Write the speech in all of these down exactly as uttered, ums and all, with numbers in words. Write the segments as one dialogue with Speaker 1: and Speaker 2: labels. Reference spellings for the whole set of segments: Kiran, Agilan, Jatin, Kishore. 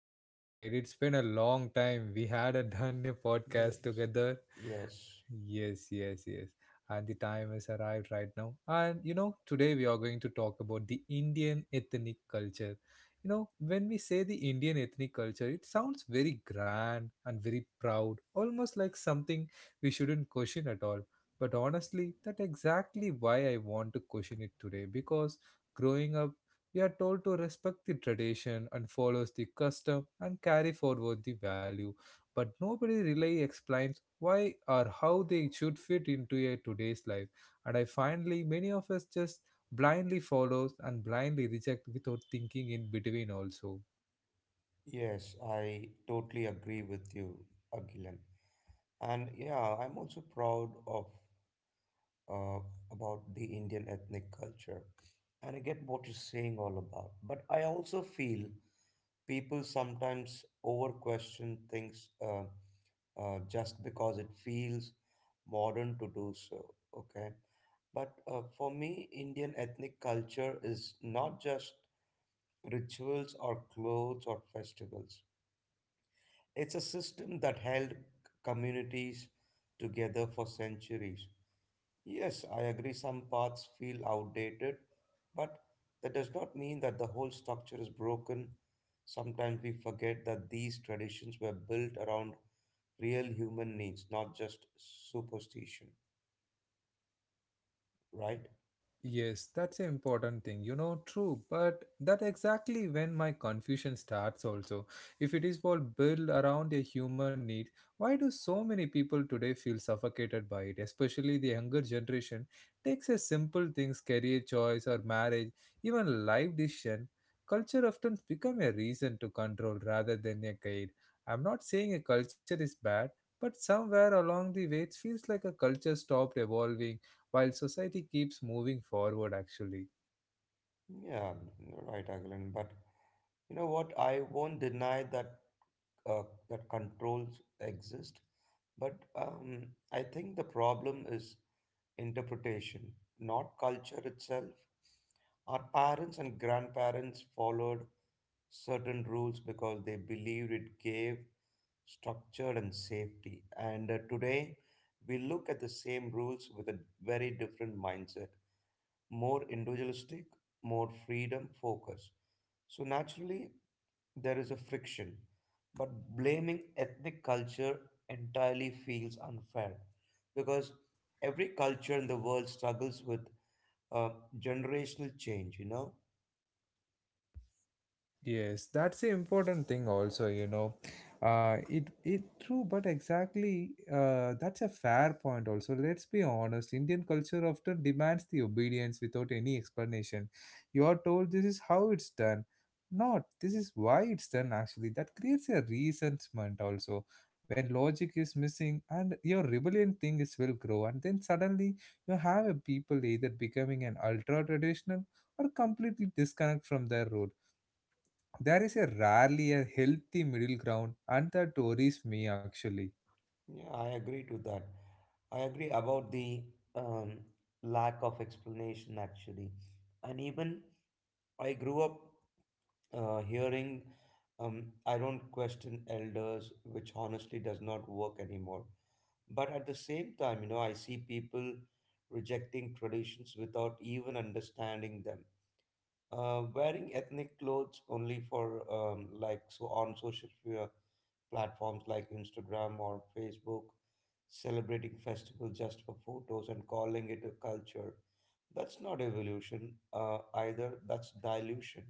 Speaker 1: I'm doing great. It's been a long time. We hadn't done a podcast
Speaker 2: Yes,
Speaker 1: together.
Speaker 2: yes,
Speaker 1: Yes, yes, yes. And the time has arrived right now. And you know, today we are going to talk about the Indian ethnic culture. You know, when we say the Indian ethnic culture, it sounds very grand and very proud, almost like something we shouldn't question at all. But honestly, that's exactly why I want to question it today because growing up, we are told to respect the tradition and follows the custom and carry forward the value, but nobody really explains why or how they should fit into a today's life. And I finally many of us just blindly follows and blindly reject without thinking in between also.
Speaker 2: yes, I totally agree with you, Aglan. And yeah, I'm also proud of uh, about the Indian ethnic culture. And I get what you're saying all about. But I also feel people sometimes over question things uh, uh, just because it feels modern to do so. Okay. But uh, for me, Indian ethnic culture is not just rituals or clothes or festivals. It's a system that held c- communities together for centuries. Yes, I agree some parts feel outdated, but that does not mean that the whole structure is broken. Sometimes we forget that these traditions were built around real human needs, not just superstition, right?
Speaker 1: Yes, that's an important thing. You know, true, but that exactly when my confusion starts also. If it is all built around a human need, why do so many people today feel suffocated by it? Especially the younger generation takes a simple things, career choice or marriage, even life decision. Culture often become a reason to control rather than a guide. I'm not saying a culture is bad, but somewhere along the way it feels like a culture stopped evolving while society keeps moving forward actually.
Speaker 2: Yeah, you're right, Agilan, but you know what? I won't deny that uh, that controls exist, but um, I think the problem is interpretation, not culture itself. Our parents and grandparents followed certain rules because they believed it gave structure and safety. And uh, today, we look at the same rules with a very different mindset, more individualistic, more freedom focus. So naturally, there is a friction, but blaming ethnic culture entirely feels unfair because every culture in the world struggles with uh, generational change, you know?
Speaker 1: Yes, that's the important thing also, you know. Uh, it it true, but exactly uh, that's a fair point also. Let's be honest, Indian culture often demands the obedience without any explanation. You are told this is how it's done. Not this is why it's done actually. That creates a resentment also. When logic is missing and your rebellion thing is will grow and then suddenly you have a people either becoming an ultra traditional or completely disconnect from their roots, there is a rarely a healthy middle ground, and that worries me actually.
Speaker 2: Yeah, I agree to that. I agree about the um, lack of explanation actually. And even I grew up uh, hearing um, I don't question elders, which honestly does not work anymore. But at the same time, you know, I see people rejecting traditions without even understanding them. Uh, wearing ethnic clothes only for um, like so on social media platforms like Instagram or Facebook, celebrating festival just for photos and calling it a culture. That's not evolution uh, either. That's dilution,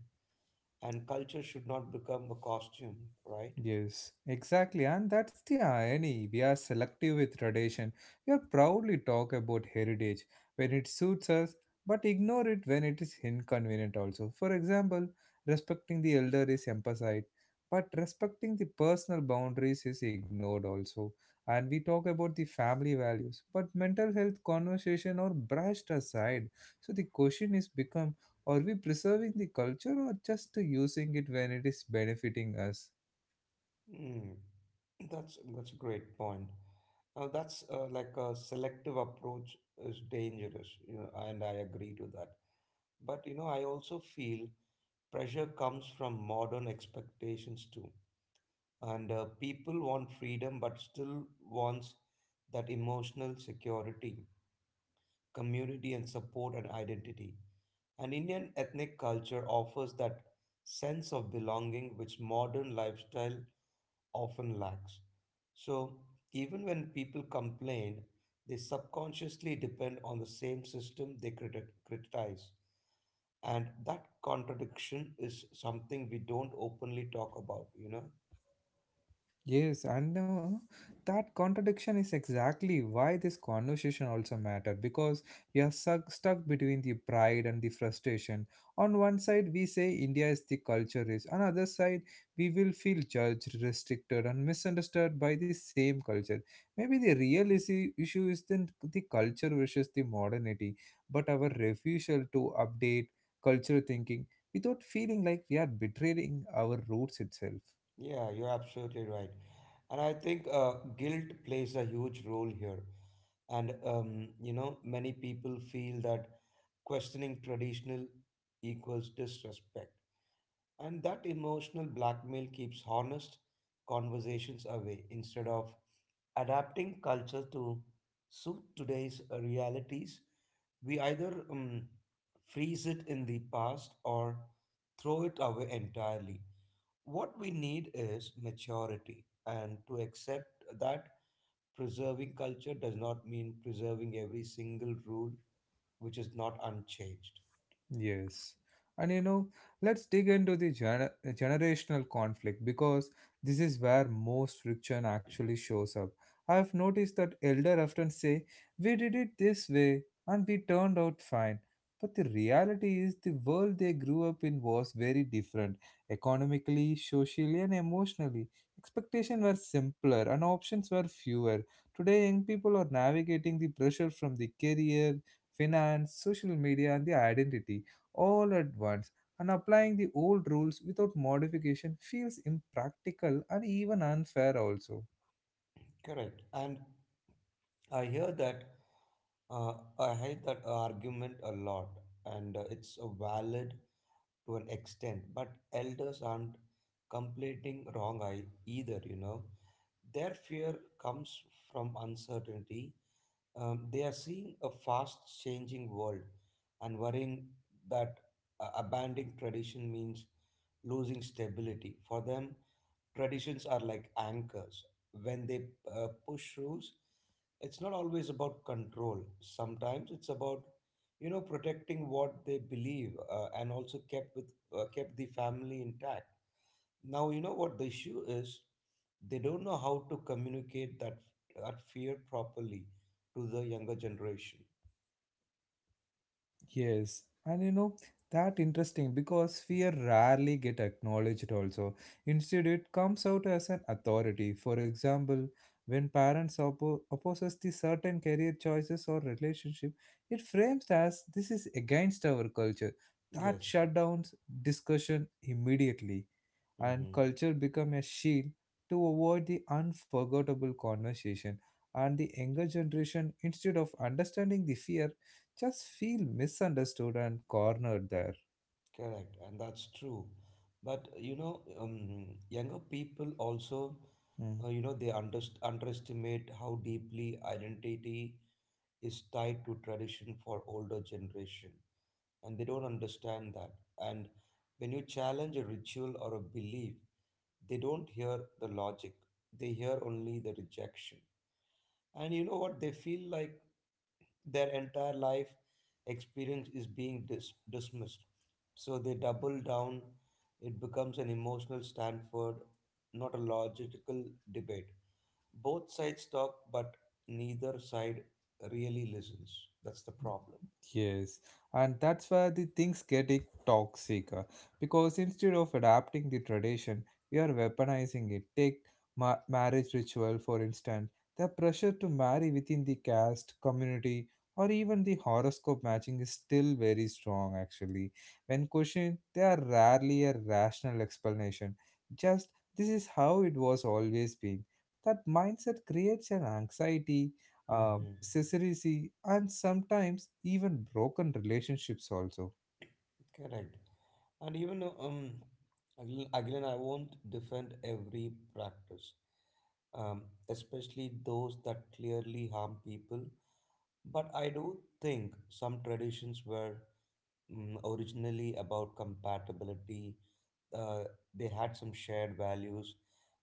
Speaker 2: and culture should not become a costume, right?
Speaker 1: Yes, exactly. And that's the irony. We are selective with tradition. We are proudly talk about heritage when it suits us, but ignore it when it is inconvenient also. For example, respecting the elder is emphasized, but respecting the personal boundaries is ignored also. And we talk about the family values, but mental health conversation are brushed aside. So the question is become, are we preserving the culture or just using it when it is benefiting us?
Speaker 2: Hmm, that's that's a great point. Now that's uh, like a selective approach is dangerous, you know, and I agree to that. But you know, I also feel pressure comes from modern expectations too. And uh, people want freedom but still wants that emotional security, community and support and identity. An Indian ethnic culture offers that sense of belonging which modern lifestyle often lacks. So, even when people complain, they subconsciously depend on the same system they criti- criticize. And that contradiction is something we don't openly talk about, you know?
Speaker 1: Yes, and uh, that contradiction is exactly why this conversation also matter, because we are stuck, stuck between the pride and the frustration. On one side, we say India is the culture rich. On other side, we will feel judged, restricted, and misunderstood by the same culture. Maybe the real issue, issue is the, the culture versus the modernity, but our refusal to update cultural thinking without feeling like we are betraying our roots itself.
Speaker 2: Yeah, you're absolutely right. And I think uh, guilt plays a huge role here. And, um, you know, many people feel that questioning traditional equals disrespect. And that emotional blackmail keeps honest conversations away instead of adapting culture to suit today's uh, realities. We either um, freeze it in the past or throw it away entirely. What we need is maturity and to accept that preserving culture does not mean preserving every single rule which is not unchanged.
Speaker 1: Yes. And you know, let's dig into the gener- generational conflict, because this is where most friction actually shows up. I've noticed that elder often say, "We did it this way and we turned out fine." But the reality is the world they grew up in was very different economically, socially and emotionally. Expectations were simpler and options were fewer. Today young people are navigating the pressure from the career, finance, social media and the identity all at once, and applying the old rules without modification feels impractical and even unfair also.
Speaker 2: Correct. And I hear that uh, I hate that argument a lot, and uh, it's uh, valid to an extent. But elders aren't completing wrong I either. You know, their fear comes from uncertainty. Um, they are seeing a fast changing world and worrying that uh, abandoning tradition means losing stability. For them, traditions are like anchors. When they uh, push rules, it's not always about control. Sometimes it's about, you know, protecting what they believe uh, and also kept with uh, kept the family intact. Now you know what the issue is. They don't know how to communicate that that fear properly to the younger generation.
Speaker 1: Yes, and you know that interesting because
Speaker 2: Mm,
Speaker 1: fear rarely get acknowledged also. Instead, it comes out as an authority. For example, when parents oppo- opposes the certain career choices or relationship, it frames as this is against our culture. That
Speaker 2: yes.
Speaker 1: shutdowns discussion immediately, and
Speaker 2: Mm-hmm.
Speaker 1: culture become a shield to avoid the unforgettable conversation. And the younger generation, instead of understanding the fear, just feel misunderstood and cornered there.
Speaker 2: Correct, and that's true. But you know, um, younger people also, uh,
Speaker 1: Mm.
Speaker 2: you know, they underst underestimate how deeply identity is tied to tradition for older generation, and they don't understand that. And when you challenge a ritual or a belief, they don't hear the logic; they hear only the rejection. And you know what, they feel like their entire life experience is being dis- dismissed, so they double down. It becomes an emotional stanford, not a logical debate. Both sides talk but neither side really listens. That's the problem.
Speaker 1: Yes, and that's where the things get it toxic uh, because instead of adapting the tradition, we are weaponizing it. Take ma- marriage ritual, for instance, the pressure to marry within the caste, community, or even the horoscope matching is still very strong actually. When questioned, they are rarely a rational explanation. Just this is how it was always been. That mindset creates an anxiety uh,
Speaker 2: Hmm.
Speaker 1: celibacy, and sometimes even broken relationships also.
Speaker 2: Correct. And even um, again, again, I won't defend every practice, um, especially those that clearly harm people. But I do think some traditions were um, originally about compatibility, uh, they had some shared values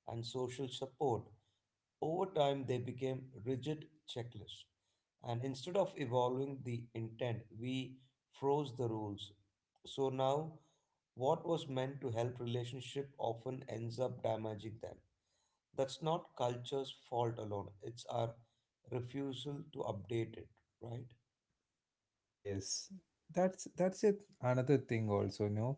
Speaker 2: and social support. Over time, they became rigid checklists. And instead of evolving the intent, we froze the rules. So now what was meant to help relationship often ends up damaging them. That's not culture's fault alone. It's our refusal to update it, right?
Speaker 1: Yes, that's that's it. Another thing also, no,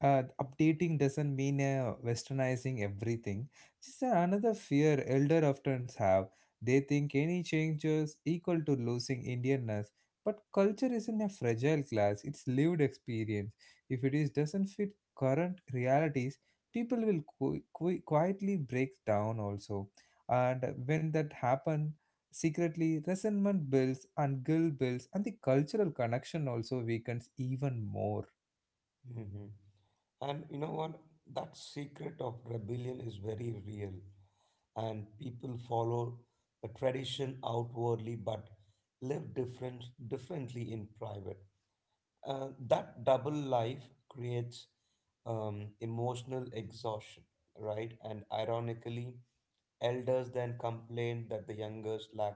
Speaker 1: uh, updating doesn't mean uh, westernizing everything. Just uh, another fear elder often have. They think any changes equal to losing Indianness. But culture isn't a fragile class. It's lived experience. If it is doesn't fit current realities, people will qu- qu- quietly break down also. And when that happens, secretly, resentment builds and guilt builds, and the cultural connection also weakens even more.
Speaker 2: Hmm. And you know what? That secret of rebellion is very real. And people follow a tradition outwardly but live different differently in private. Uh, that double life creates um, emotional exhaustion, right? And ironically, elders then complain that the youngers lack,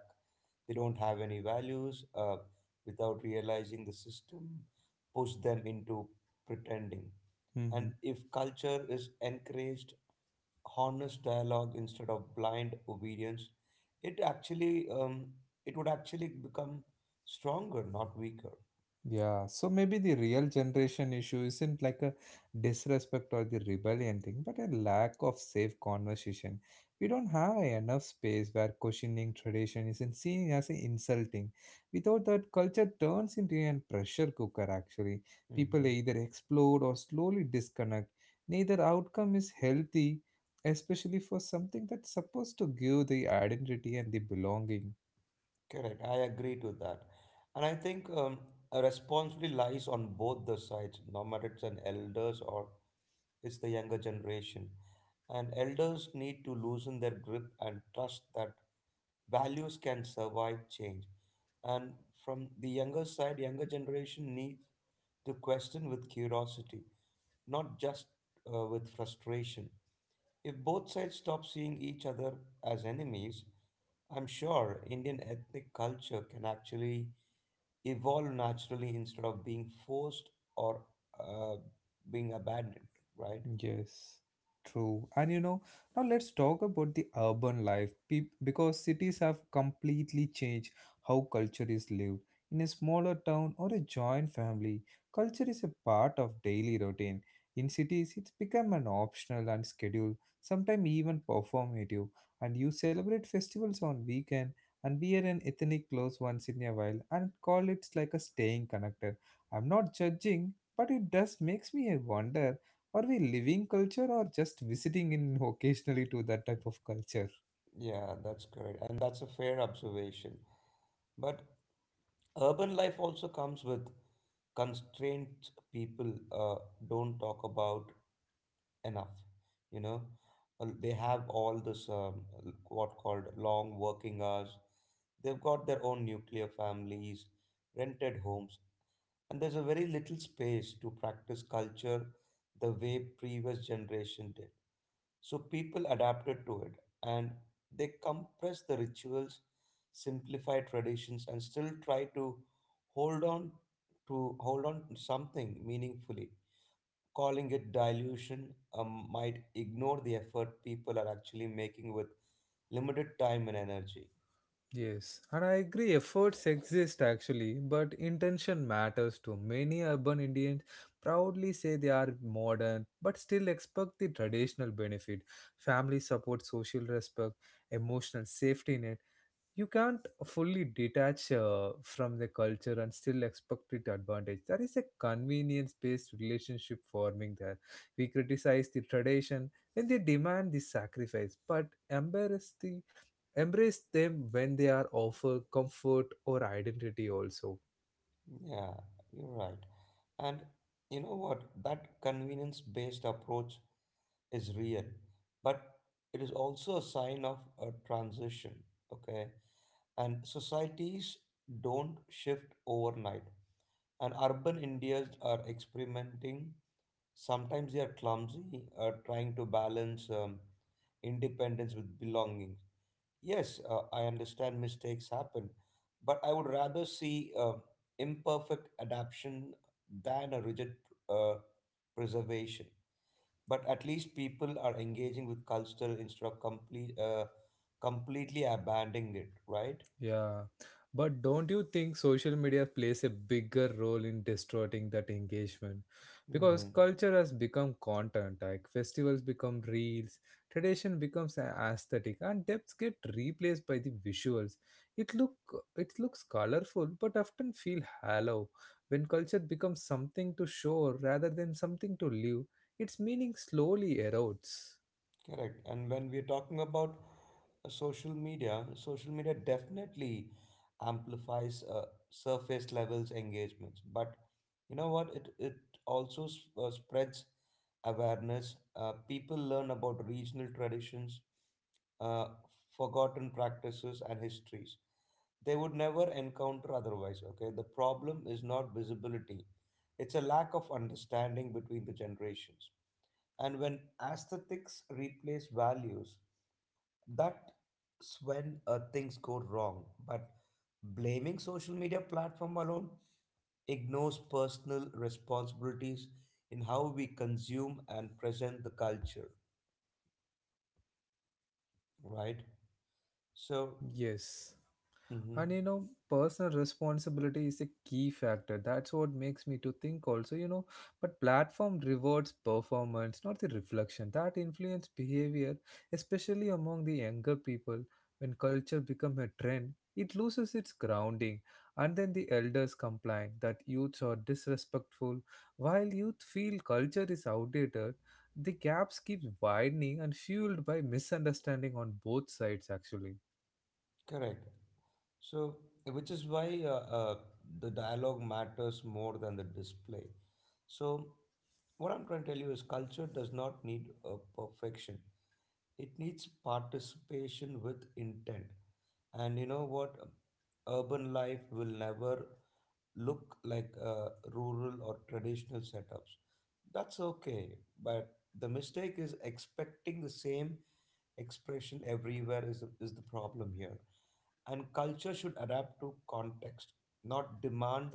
Speaker 2: they don't have any values uh, without realizing the system push them into pretending. And if culture is encouraged, honest dialogue instead of blind obedience, it actually um, it would actually become stronger, not weaker.
Speaker 1: Yeah, so maybe the real generation issue isn't like a disrespect or the rebellion thing, but a lack of safe conversation. We don't have a enough space where questioning tradition isn't seen as a insulting. Without that, culture turns into a pressure cooker actually. People
Speaker 2: Hmm.
Speaker 1: either explode or slowly disconnect. Neither outcome is healthy, especially for something that's supposed to give the identity and the belonging.
Speaker 2: Correct. I agree to that. And I think um, a responsibility lies on both the sides, no matter it's an elders or it's the younger generation. And elders need to loosen their grip and trust that values can survive change. And from the younger side, younger generation needs to question with curiosity, not just uh, with frustration. If both sides stop seeing each other as enemies, I'm sure Indian ethnic culture can actually evolve naturally instead of being forced or uh, being abandoned, right?
Speaker 1: Yes, true. And you know, now let's talk about the urban life Peop- because cities have completely changed how culture is lived. In a smaller town or a joint family, culture is a part of daily routine. In cities, it's become an optional and schedule, sometimes even performative. And you celebrate festivals on weekend and wear an ethnic clothes once in a while and call it like a staying connected. I'm not judging, but it does makes me wonder, are we living culture or just visiting in occasionally to that type of culture?
Speaker 2: Yeah, that's correct. And that's a fair observation. But urban life also comes with constraints people uh, don't talk about enough, you know. Uh, They have all this um, l- what called long working hours. They've got their own nuclear families, rented homes, and there's a very little space to practice culture the way previous generation did. So people adapted to it and they compress the rituals, simplify traditions and still try to hold on to hold on to something meaningfully. Calling it dilution um, might ignore the effort people are actually making with limited time and energy.
Speaker 1: Yes, and I agree efforts exist actually, but intention matters too. Many urban Indians proudly say they are modern, but still expect the traditional benefit, family support, social respect, emotional safety net. You can't fully detach uh, from the culture and still expect it advantage. There is a convenience based relationship forming there. We criticize the tradition when they demand the sacrifice, but embrace the embrace them when they are offer comfort or identity also.
Speaker 2: Yeah, you're right. And you know what? That convenience based approach is real, but it is also a sign of a transition, okay? And societies don't shift overnight. And urban Indians are experimenting. Sometimes they are clumsy, uh, trying to balance um, independence with belonging. Yes, uh, I understand mistakes happen, but I would rather see uh, imperfect adaption than a rigid uh, preservation. But at least people are engaging with culture instead of complete, uh, completely abandoning it, right?
Speaker 1: Yeah. But don't you think social media plays a bigger role in distorting that engagement? Because
Speaker 2: Mm-hmm.
Speaker 1: culture has become content, like festivals become reels, tradition becomes a- aesthetic, and depths get replaced by the visuals. It look it looks colorful, but often feel hollow. When culture becomes something to show rather than something to live, its meaning slowly erodes.
Speaker 2: Correct. And when we're talking about uh, social media, social media definitely amplifies uh, surface levels engagements. But you know what? It it also s- uh, spreads awareness. Uh, people learn about regional traditions, uh, forgotten practices, and histories they would never encounter otherwise. Okay, the problem is not visibility; it's a lack of understanding between the generations. And when aesthetics replace values, that's when uh, things go wrong. But blaming social media platform alone ignores personal responsibilities in how we consume and present the culture, right? So,
Speaker 1: Yes.
Speaker 2: mhm,
Speaker 1: And you know, personal responsibility is a key factor. That's what makes me to think also you know But platform rewards performance, not the reflection. That influence behavior, especially among the younger people. When culture become a trend, it loses its grounding. And then the elders complain that youths are disrespectful while youth feel culture is outdated. The gaps keep widening and fueled by misunderstanding on both sides actually.
Speaker 2: correct. So, which is why uh, uh, the dialogue matters more than the display. So, what I'm trying to tell you is culture does not need a perfection. It needs participation with intent. And you know what, urban life will never look like uh, rural or traditional setups. That's okay. But the mistake is expecting the same expression everywhere is, is the problem here. And culture should adapt to context, not demand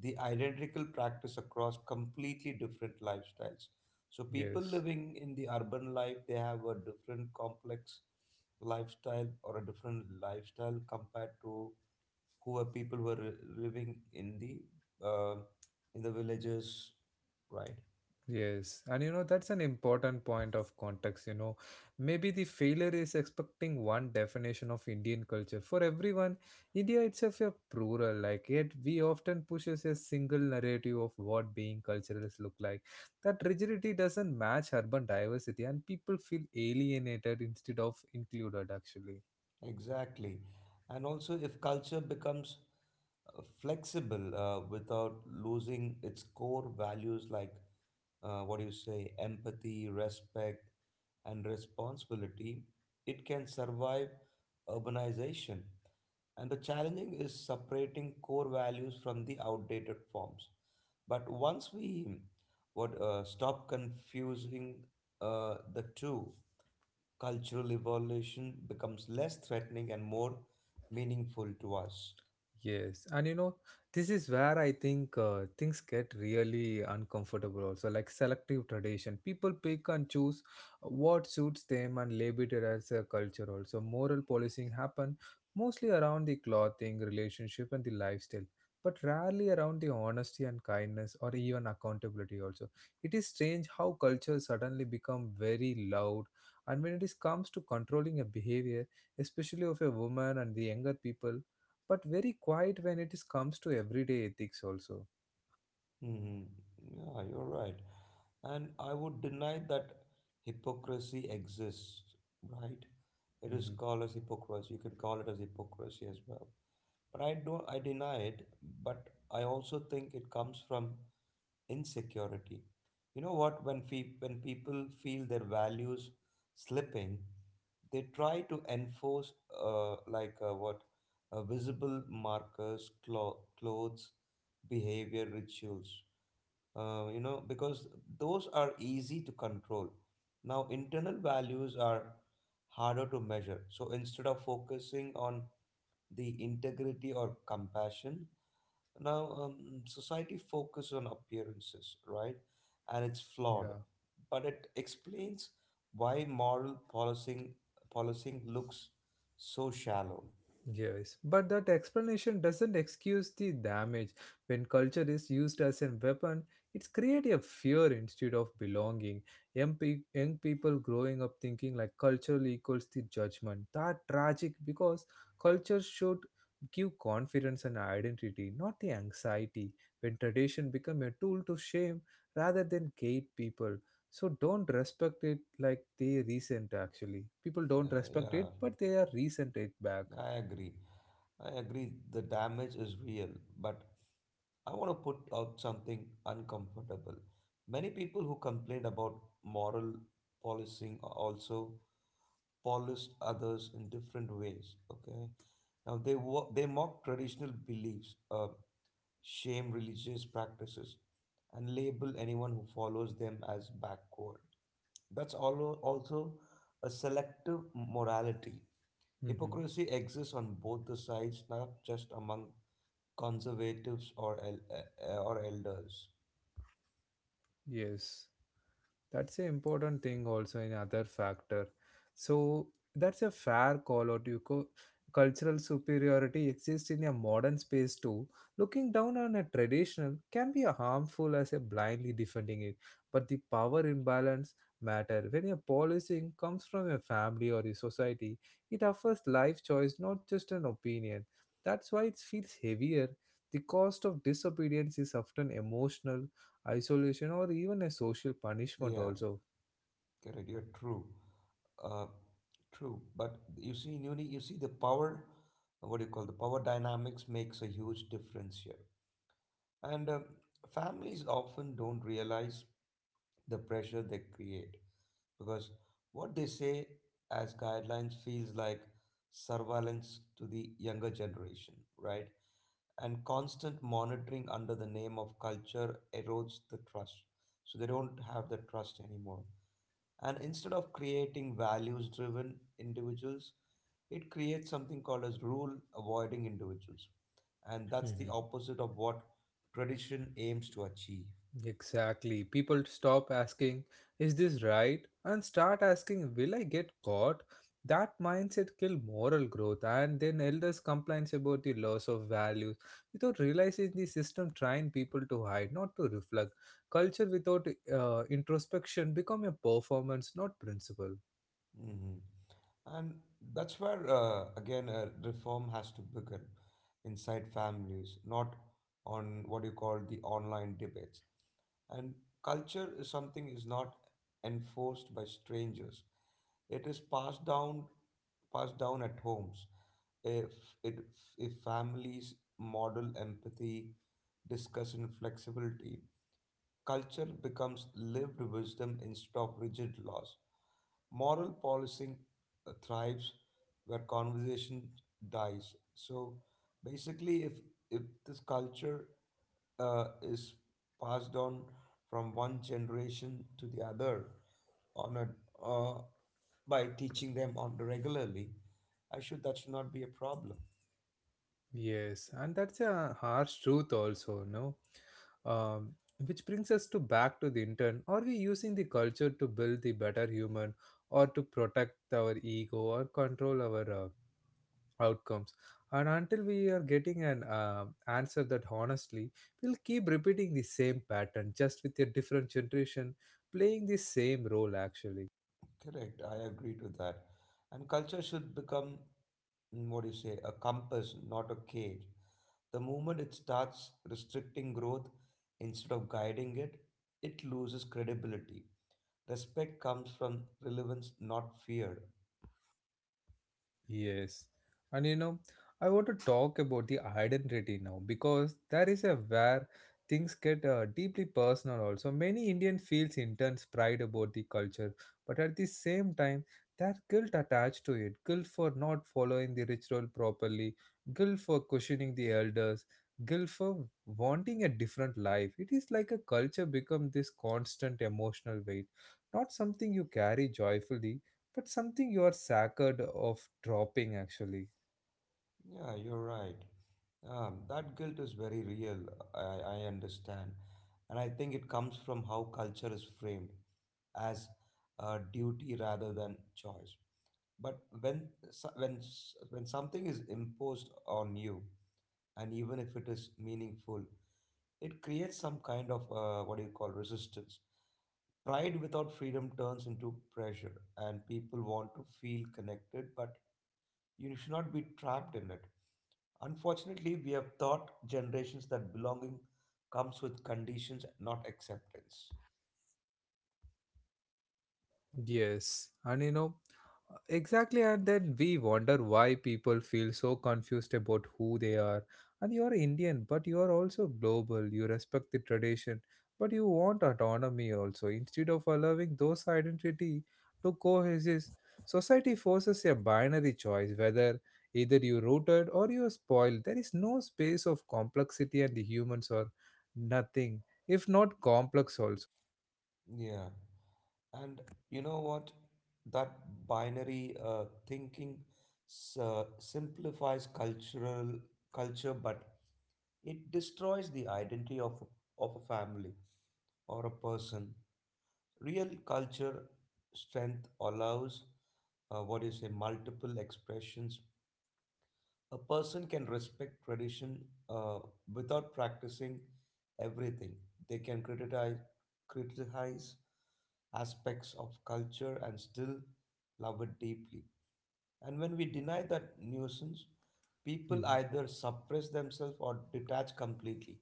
Speaker 2: the identical practice across completely different lifestyles. So people
Speaker 1: Yes.
Speaker 2: living in the urban life, they have a different complex lifestyle or a different lifestyle compared to who are people who are living in the uh, in the villages, right?
Speaker 1: Yes, and you know that's an important point of context. You know, maybe the failure is expecting one definition of Indian culture for everyone. India itself is plural, like yet we often pushes a single narrative of what being culturalist look like. That rigidity doesn't match urban diversity, and people feel alienated instead of included. Actually.
Speaker 2: Exactly. And also, if culture becomes uh, flexible uh, without losing its core values like uh, what do you say, empathy, respect, and responsibility, it can survive urbanization. And the challenging is separating core values from the outdated forms. But once we what uh, stop confusing uh, the two, cultural evolution becomes less threatening and more meaningful to us.
Speaker 1: Yes, and you know, this is where I think uh, things get really uncomfortable also, like selective tradition. People pick and choose what suits them and label it as a culture also. Moral policing happen mostly around the clothing, relationship and the lifestyle, but rarely around the honesty and kindness or even accountability also. It is strange how culture suddenly become very loud and when it is comes to controlling a behavior, especially of a woman and the younger people, but very quiet when it is comes to everyday ethics also.
Speaker 2: Hmm. Yeah, you're right. And I would deny that hypocrisy exists, right? It is
Speaker 1: Hmm.
Speaker 2: called as hypocrisy. You can call it as hypocrisy as well. But I don't, I deny it, but I also think it comes from insecurity. You know what? When, fe- when people feel their values slipping, they try to enforce uh, like uh, what uh, visible markers, clo- clothes, behavior, rituals. Uh, you know, because those are easy to control. Now, internal values are harder to measure. So instead of focusing on the integrity or compassion, now, um, society focuses on appearances, right? And it's flawed,
Speaker 1: Yeah.
Speaker 2: but it explains why moral policing policing looks so shallow.
Speaker 1: Yes, but that explanation doesn't excuse the damage. When culture is used as a weapon, it's create a fear instead of belonging. Young, pe- young people growing up thinking like culture equals the judgment. That tragic because culture should give confidence and identity, not the anxiety. When tradition become a tool to shame rather than gate people. So don't respect it like they resent actually. People
Speaker 2: Uh,
Speaker 1: don't respect it,
Speaker 2: yeah,
Speaker 1: but they are resent it back.
Speaker 2: I agree. I agree. The damage is real, but I want to put out something uncomfortable. Many people who complain about moral policing are also polish others in different ways. Okay, now they wo- they mock traditional beliefs, uh, shame religious practices, and label anyone who follows them as backward. That's allo- also a selective morality.
Speaker 1: Hmm.
Speaker 2: Hypocrisy exists on both the sides, not just among conservatives or el uh, or elders.
Speaker 1: Yes, that's an important thing also another factor. So that's a fair call out. You co- cultural superiority exists in a modern space too. Looking down on a traditional can be a harmful as a blindly defending it. But the power imbalance matter. When a policing comes from a family or a society, it offers life choice, not just an opinion. That's why it feels heavier. The cost of disobedience is often emotional isolation, or even a social punishment,
Speaker 2: Yeah,
Speaker 1: also.
Speaker 2: correct. You're true. Uh, True. But you see, in uni, you see the power. What do you call, the power dynamics makes a huge difference here. And um families often don't realize the pressure they create, because what they say as guidelines feels like surveillance to the younger generation, right? And constant monitoring under the name of culture erodes the trust. So they don't have the trust anymore. And instead of creating values driven individuals, it creates something called as rule avoiding individuals. And that's the
Speaker 1: Mhm.
Speaker 2: opposite of what tradition aims to achieve.
Speaker 1: Exactly. People stop asking, is this right? And start asking, will I get caught? That mindset kill moral growth and then elders complains about the loss of values without realizing the system trying people to hide, not to reflect. Culture without uh, introspection become a performance, not principle.
Speaker 2: Mhm. And that's where, uh, again, uh, reform has to begin inside families, not on what you call the online debates. And culture is something is not enforced by strangers. It is passed down passed down at homes. If it if families model empathy, discussion, flexibility, culture becomes lived wisdom instead of rigid laws. Moral policing uh, thrives where conversation dies. So basically if if this culture uh, is passed on from one generation to the other on a, uh, by teaching them on regularly, I should that should not be a problem.
Speaker 1: Yes, and that's a harsh truth also, no? Um, which brings us to back to the intern. Are we using the culture to build the better human or to protect our ego or control our uh, outcomes? And until we are getting an uh, answer that honestly, we'll keep repeating the same pattern just with a different generation playing the same role actually.
Speaker 2: Correct, I agree to that. And culture should become, mm, what do you say, a compass, not a cage. The moment it starts restricting growth instead of guiding it, it loses credibility. Respect comes from relevance, not fear.
Speaker 1: Yes. And you know, I want to talk about the identity now because that is a where things get uh, deeply personal also. Many Indian feels intense pride about the culture, but at the same time, there's guilt attached to it. Guilt for not following the ritual properly, guilt for questioning the elders, guilt for wanting a different life. It is like a culture become this constant emotional weight, not something you carry joyfully but something you are sacred of dropping actually.
Speaker 2: Yeah, you're right. Um, that guilt is very real. I, I understand. And I think it comes from how culture is framed as a duty rather than choice. But when, so- when, s- when something is imposed on you, and even if it is meaningful, it creates some kind of, uh, what do you call, resistance. Pride without freedom turns into pressure, and people want to feel connected, but you should not be trapped in it. Unfortunately, we have taught generations that belonging comes with conditions, not acceptance.
Speaker 1: Yes, and you know, exactly, and then we wonder why people feel so confused about who they are. And you are Indian, but you are also global. You respect the tradition, but you want autonomy also. Instead of allowing those identity to coexist, society forces a binary choice whether either you rooted or you are spoiled. There is no space of complexity, and the humans are nothing, if not complex also.
Speaker 2: Yeah. And you know what? That binary uh, thinking s- uh, simplifies cultural culture, but it destroys the identity of of a family or a person. Real culture strength allows, uh, what do you say, multiple expressions. A person can respect tradition uh, without practicing everything. They can criticize, criticize aspects of culture and still love it deeply. And when we deny that nuisance, people
Speaker 1: Mm-hmm.
Speaker 2: either suppress themselves or detach completely.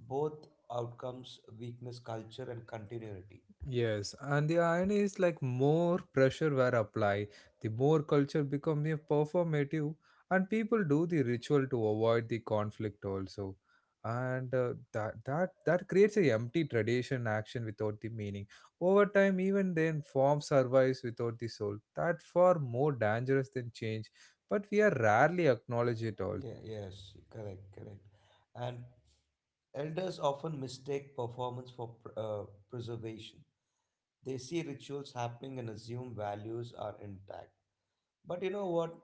Speaker 2: Both outcomes weakness culture and continuity.
Speaker 1: Yes, and the irony is like more pressure were applied, the more culture becomes a performative, and people do the ritual to avoid the conflict also, and uh, that that that creates a empty tradition action without the meaning. Over time, even then, form survives without the soul. That far more dangerous than change, but we are rarely acknowledge it also.
Speaker 2: Yeah, yes, correct, correct. And elders often mistake performance for pr- uh, preservation. They see rituals happening and assume values are intact. But you know what?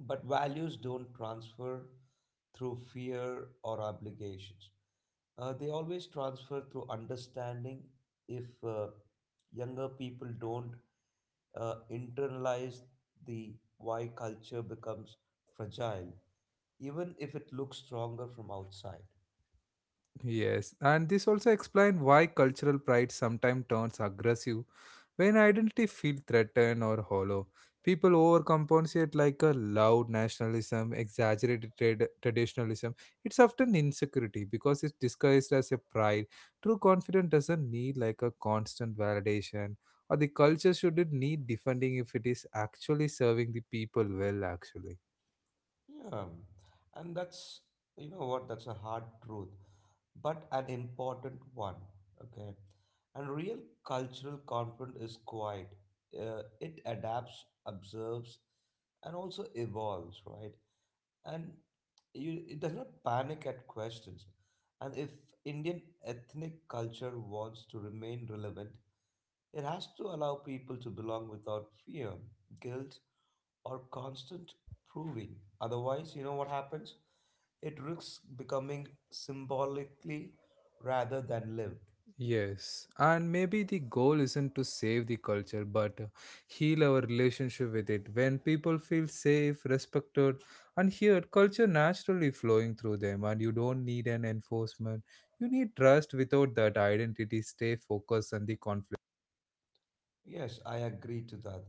Speaker 2: But values don't transfer through fear or obligations. Uh, they always transfer through understanding. If, uh, younger people don't uh, internalize the why, culture becomes fragile, even if it looks stronger from outside.
Speaker 1: Yes, and this also explains why cultural pride sometimes turns aggressive when identity feels threatened or hollow. People overcompensate like a loud nationalism, exaggerated trad- traditionalism. It's often insecurity because it's disguised as a pride. True confidence doesn't need like a constant validation, or the culture shouldn't need defending if it is actually serving the people well, actually.
Speaker 2: Yeah, and that's, you know what, that's a hard truth, but an important one, okay? And real cultural conflict is quiet. Uh, it adapts, observes, and also evolves, right? And you, it does not panic at questions. And if Indian ethnic culture wants to remain relevant, it has to allow people to belong without fear, guilt, or constant proving. Otherwise, you know what happens? It risks becoming symbolically rather than lived.
Speaker 1: Yes, and maybe the goal isn't to save the culture but uh, heal our relationship with it. When people feel safe, respected, and heard, culture naturally flowing through them, and you don't need an enforcement. You need trust without that identity, stay focused on the conflict.
Speaker 2: Yes, I agree to that.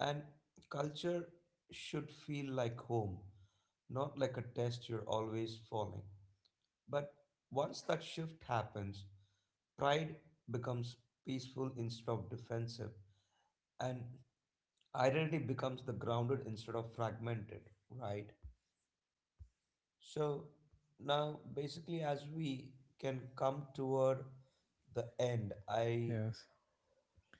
Speaker 2: And culture should feel like home, not like a test you're always falling. But once that shift happens, pride becomes peaceful instead of defensive, and identity becomes the grounded instead of fragmented, right? So now, basically, as we can come toward the end, I,
Speaker 1: Yes.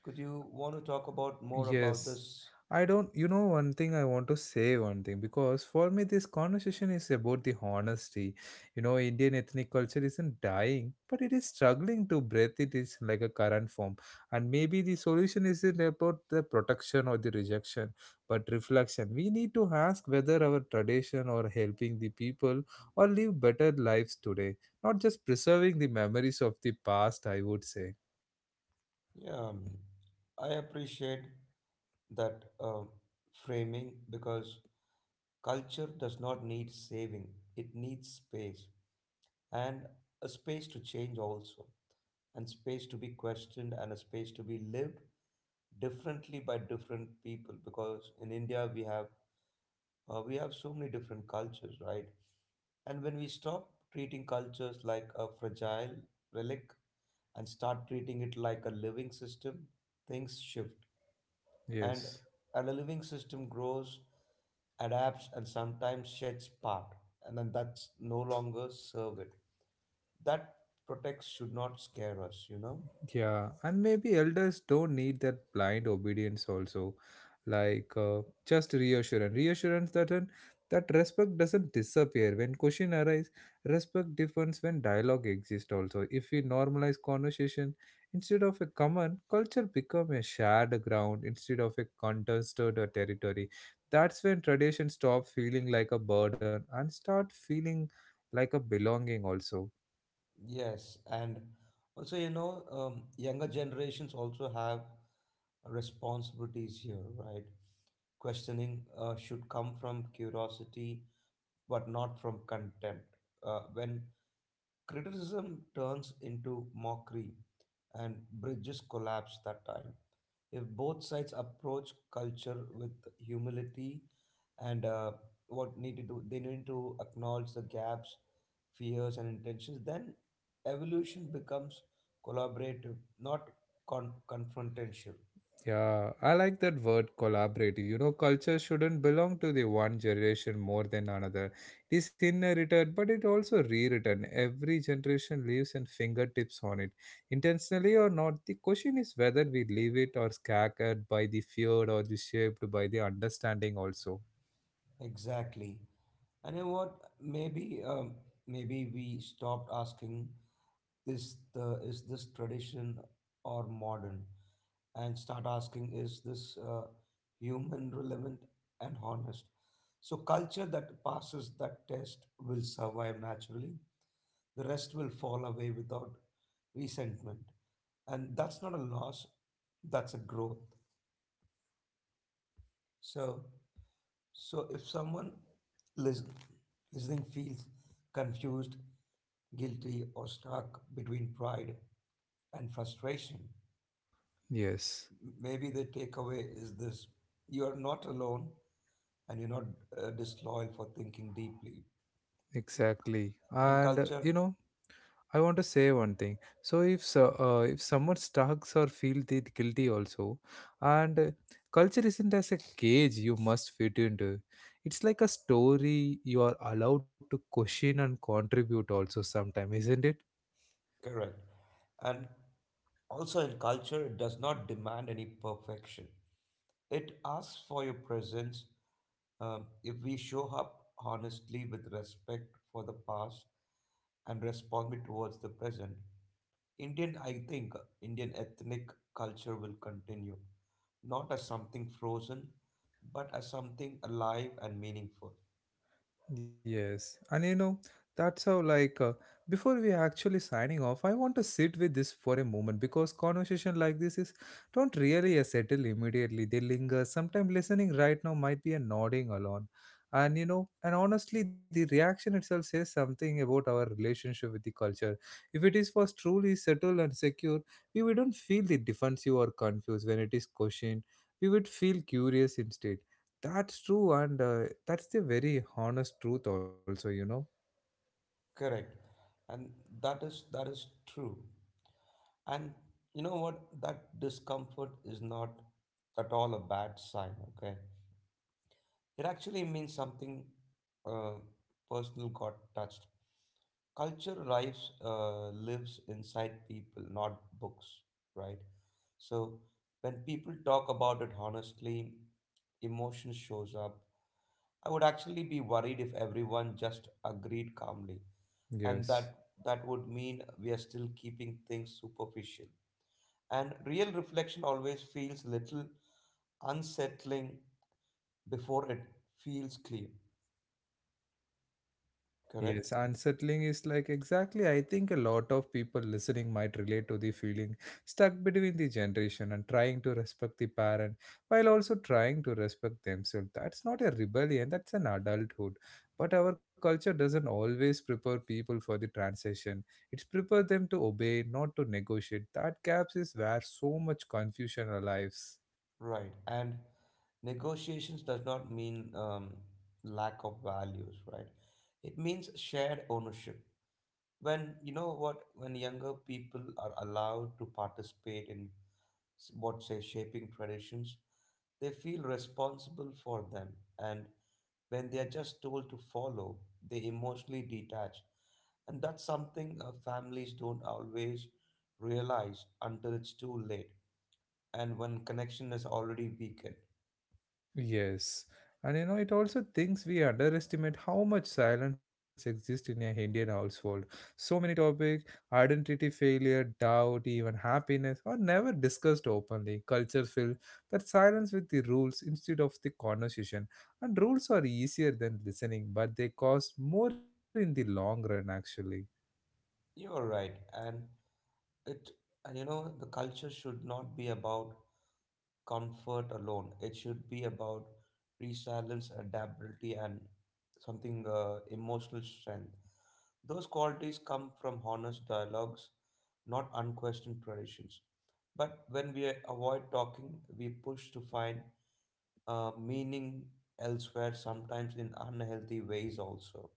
Speaker 2: could you want to talk about more about
Speaker 1: Yes.
Speaker 2: this?
Speaker 1: I don't, you know, one thing I want to say, one thing, because for me, this conversation is about the honesty. You know, Indian ethnic culture isn't dying, but it is struggling to breathe it is like a current form. And maybe the solution isn't about the protection or the rejection, but reflection. We need to ask whether our tradition or helping the people or live better lives today, not just preserving the memories of the past, I would say.
Speaker 2: Yeah, um, I appreciate that uh, framing, because culture does not need saving; it needs space, and a space to change also, and space to be questioned, and a space to be lived differently by different people. Because in India, we have uh, we have so many different cultures, right? And when we stop treating cultures like a fragile relic and start treating it like a living system, things shift. And,
Speaker 1: Yes.
Speaker 2: and a living system grows, adapts, and sometimes sheds part. And then that's no longer serve it. That protects should not scare us, you know?
Speaker 1: Yeah, and maybe elders don't need that blind obedience also, like uh, just reassurance, reassurance that an, that respect doesn't disappear when question arise. Respect differs when dialogue exists also. If we normalize conversation instead of a common culture, become a shared ground instead of a contested uh, territory. That's when tradition stop feeling like a burden and start feeling like a belonging also.
Speaker 2: Yes. And also, you know, um, younger generations also have responsibilities here, right? Questioning uh, should come from curiosity, but not from contempt. Uh, when criticism turns into mockery and bridges collapse that time, if both sides approach culture with humility, and uh, what need to do, they need to acknowledge the gaps, fears, and intentions, then evolution becomes collaborative, not con- confrontational.
Speaker 1: Yeah, I like that word collaborative. You know, culture shouldn't belong to the one generation more than another. It is inherited, but it also rewritten. Every generation leaves and fingertips on it. Intentionally or not, the question is whether we leave it or scattered by the fear or the shaped by the understanding also.
Speaker 2: Exactly. And you know what? Maybe, um, maybe we stopped asking is the is this tradition or modern, and start asking is this, uh, human, relevant, and honest. So culture that passes that test will survive naturally. The rest will fall away without resentment, and that's not a loss. That's a growth. So. So if someone listen, listening feels confused, guilty, or stuck between pride and frustration,
Speaker 1: Yes.
Speaker 2: maybe the takeaway is this: you are not alone, and you're not uh, disloyal for thinking deeply.
Speaker 1: Exactly.
Speaker 2: And
Speaker 1: And uh, you
Speaker 2: culture,
Speaker 1: know, I want to say one thing. So if so, uh, if someone stalks or feels it guilty also, and uh, culture isn't as a cage you must fit into. It's like a story you are allowed to question and contribute also sometime, isn't it?
Speaker 2: correct. And also in culture, it does not demand any perfection, it asks for your presence. Um, if we show up honestly with respect for the past and respond it towards the present, Indian, I think, Indian ethnic culture will continue, not as something frozen, but as something alive and meaningful.
Speaker 1: Yes, and you know, that's how, like, uh, before we actually signing off, I want to sit with this for a moment because conversation like this is don't really uh, settle immediately. They linger. Sometimes listening right now might be a nodding alone. And you know, and honestly, the reaction itself says something about our relationship with the culture. If it is for truly settled and secure, we wouldn't feel the defensive or confused when it is questioned. We would feel curious instead that's true, and uh, that's the very honest truth, also, you know.
Speaker 2: Correct. And that is that is true. And you know what? That discomfort is not at all a bad sign, okay? It actually means something, uh, personal got touched. Culture lives, uh, lives inside people, not books, right? So when people talk about it honestly, emotion shows up. I would actually be worried if everyone just agreed calmly, and
Speaker 1: Yes.
Speaker 2: that that would mean we are still keeping things superficial. And real reflection always feels little unsettling before it feels clear. Correct?
Speaker 1: Yes, unsettling is like exactly. I think a lot of people listening might relate to the feeling stuck between the generation and trying to respect the parent while also trying to respect themselves. That's not a rebellion, that's an adulthood. But our culture doesn't always prepare people for the transition. It's prepare them to obey, not to negotiate. That gaps is where so much confusion arrives.
Speaker 2: Right. And negotiations does not mean, um, lack of values, right? It means shared ownership. When you know what, when younger people are allowed to participate in s- what say shaping traditions, they feel responsible for them. And when they are just told to follow, they emotionally detach. And that's something, uh, families don't always realize until it's too late, and when connection is already weakened.
Speaker 1: Yes, and you know, it also thinks we underestimate how much silence exists in an Indian household. So many topics, identity failure, doubt, even happiness, are never discussed openly. Culture fills that silence with the rules instead of the conversation. And rules are easier than listening, but they cost more in the long run, actually.
Speaker 2: You're right. And It and you know the culture should not be about comfort alone. It should be about resilience, adaptability, and something, uh, emotional strength. Those qualities come from honest dialogues, not unquestioned traditions. But when we avoid talking, we push to find, uh, meaning elsewhere, sometimes in unhealthy ways also.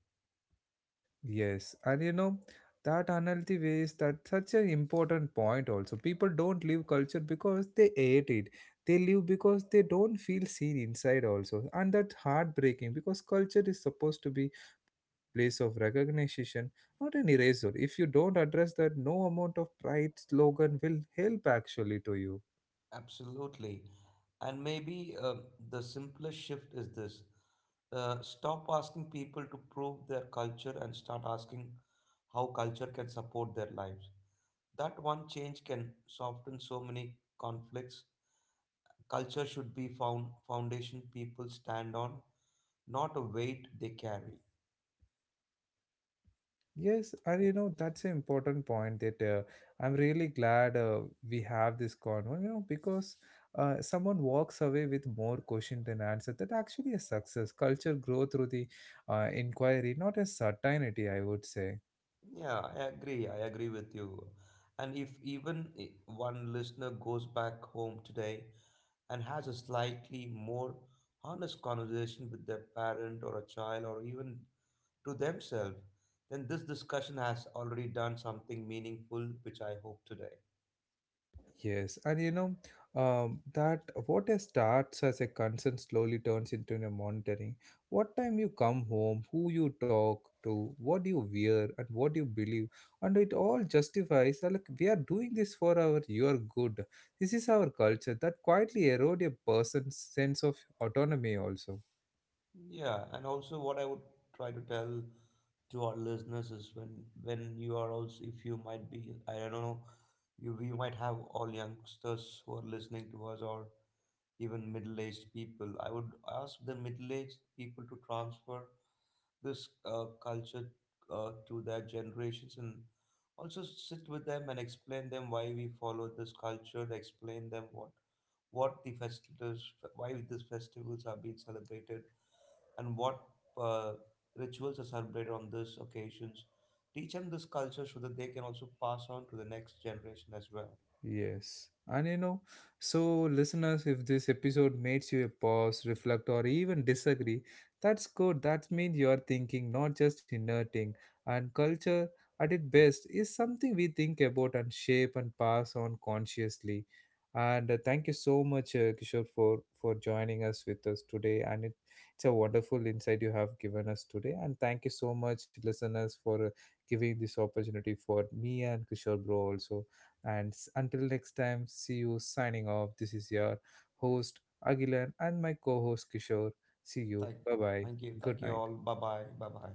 Speaker 1: Yes, and you know that unhealthy waste that's such an important point also. People don't leave culture because they hate it. They leave because they don't feel seen inside also. And that's heartbreaking because culture is supposed to be place of recognition, not an eraser. If you don't address that, no amount of pride slogan will help actually to you.
Speaker 2: Absolutely. And maybe, uh, the simplest shift is this: uh, stop asking people to prove their culture and start asking how culture can support their lives. That one change can soften so many conflicts. Culture should be found foundation people stand on, not a weight they carry.
Speaker 1: Yes, and you know that's an important point that uh, I'm really glad uh, we have this convo, you know, because uh, someone walks away with more question than answer. That actually a success. Culture grow through the uh, inquiry, not a certainty, I would say.
Speaker 2: Yeah, I agree. I agree with you. And if even i- one listener goes back home today and has a slightly more honest conversation with their parent or a child or even to themselves, then this discussion has already done something meaningful, which I hope today.
Speaker 1: Yes, and you know um, that what a starts as a concern slowly turns into a monitoring. What time you come home, who you talk to, what you wear, and what you believe, and it all justifies. uh, Like we are doing this for our your good. This is our culture that quietly erode a person's sense of autonomy also.
Speaker 2: Yeah, and also what I would try to tell to our listeners is when when you are also, if you might be, I don't know, you, we might have all youngsters who are listening to us or even middle-aged people. I would ask the middle-aged people to transfer this uh, culture uh, to their generations, and also sit with them and explain them why we follow this culture, explain them what what the festivals, why these festivals are being celebrated, and what uh, rituals are celebrated on these occasions. Teach them this culture so that they can also pass on to the next generation as well.
Speaker 1: Yes. And you know, so listeners, if this episode makes you pause, reflect, or even disagree, that's good. That means you are thinking, not just inerting. And culture, at its best, is something we think about and shape and pass on consciously. And uh, thank you so much, uh, Kishore, for for joining us with us today. And it, it's a wonderful insight you have given us today. And thank you so much, listeners, for uh, giving this opportunity for me and Kishore bro also. And s- until next time, see you signing off. This is your host, Agilan, and my co host, Kishore. See you.
Speaker 2: Thank,
Speaker 1: Bye bye.
Speaker 2: thank you, thank
Speaker 1: Good
Speaker 2: you all.
Speaker 1: night.
Speaker 2: Bye bye, bye bye.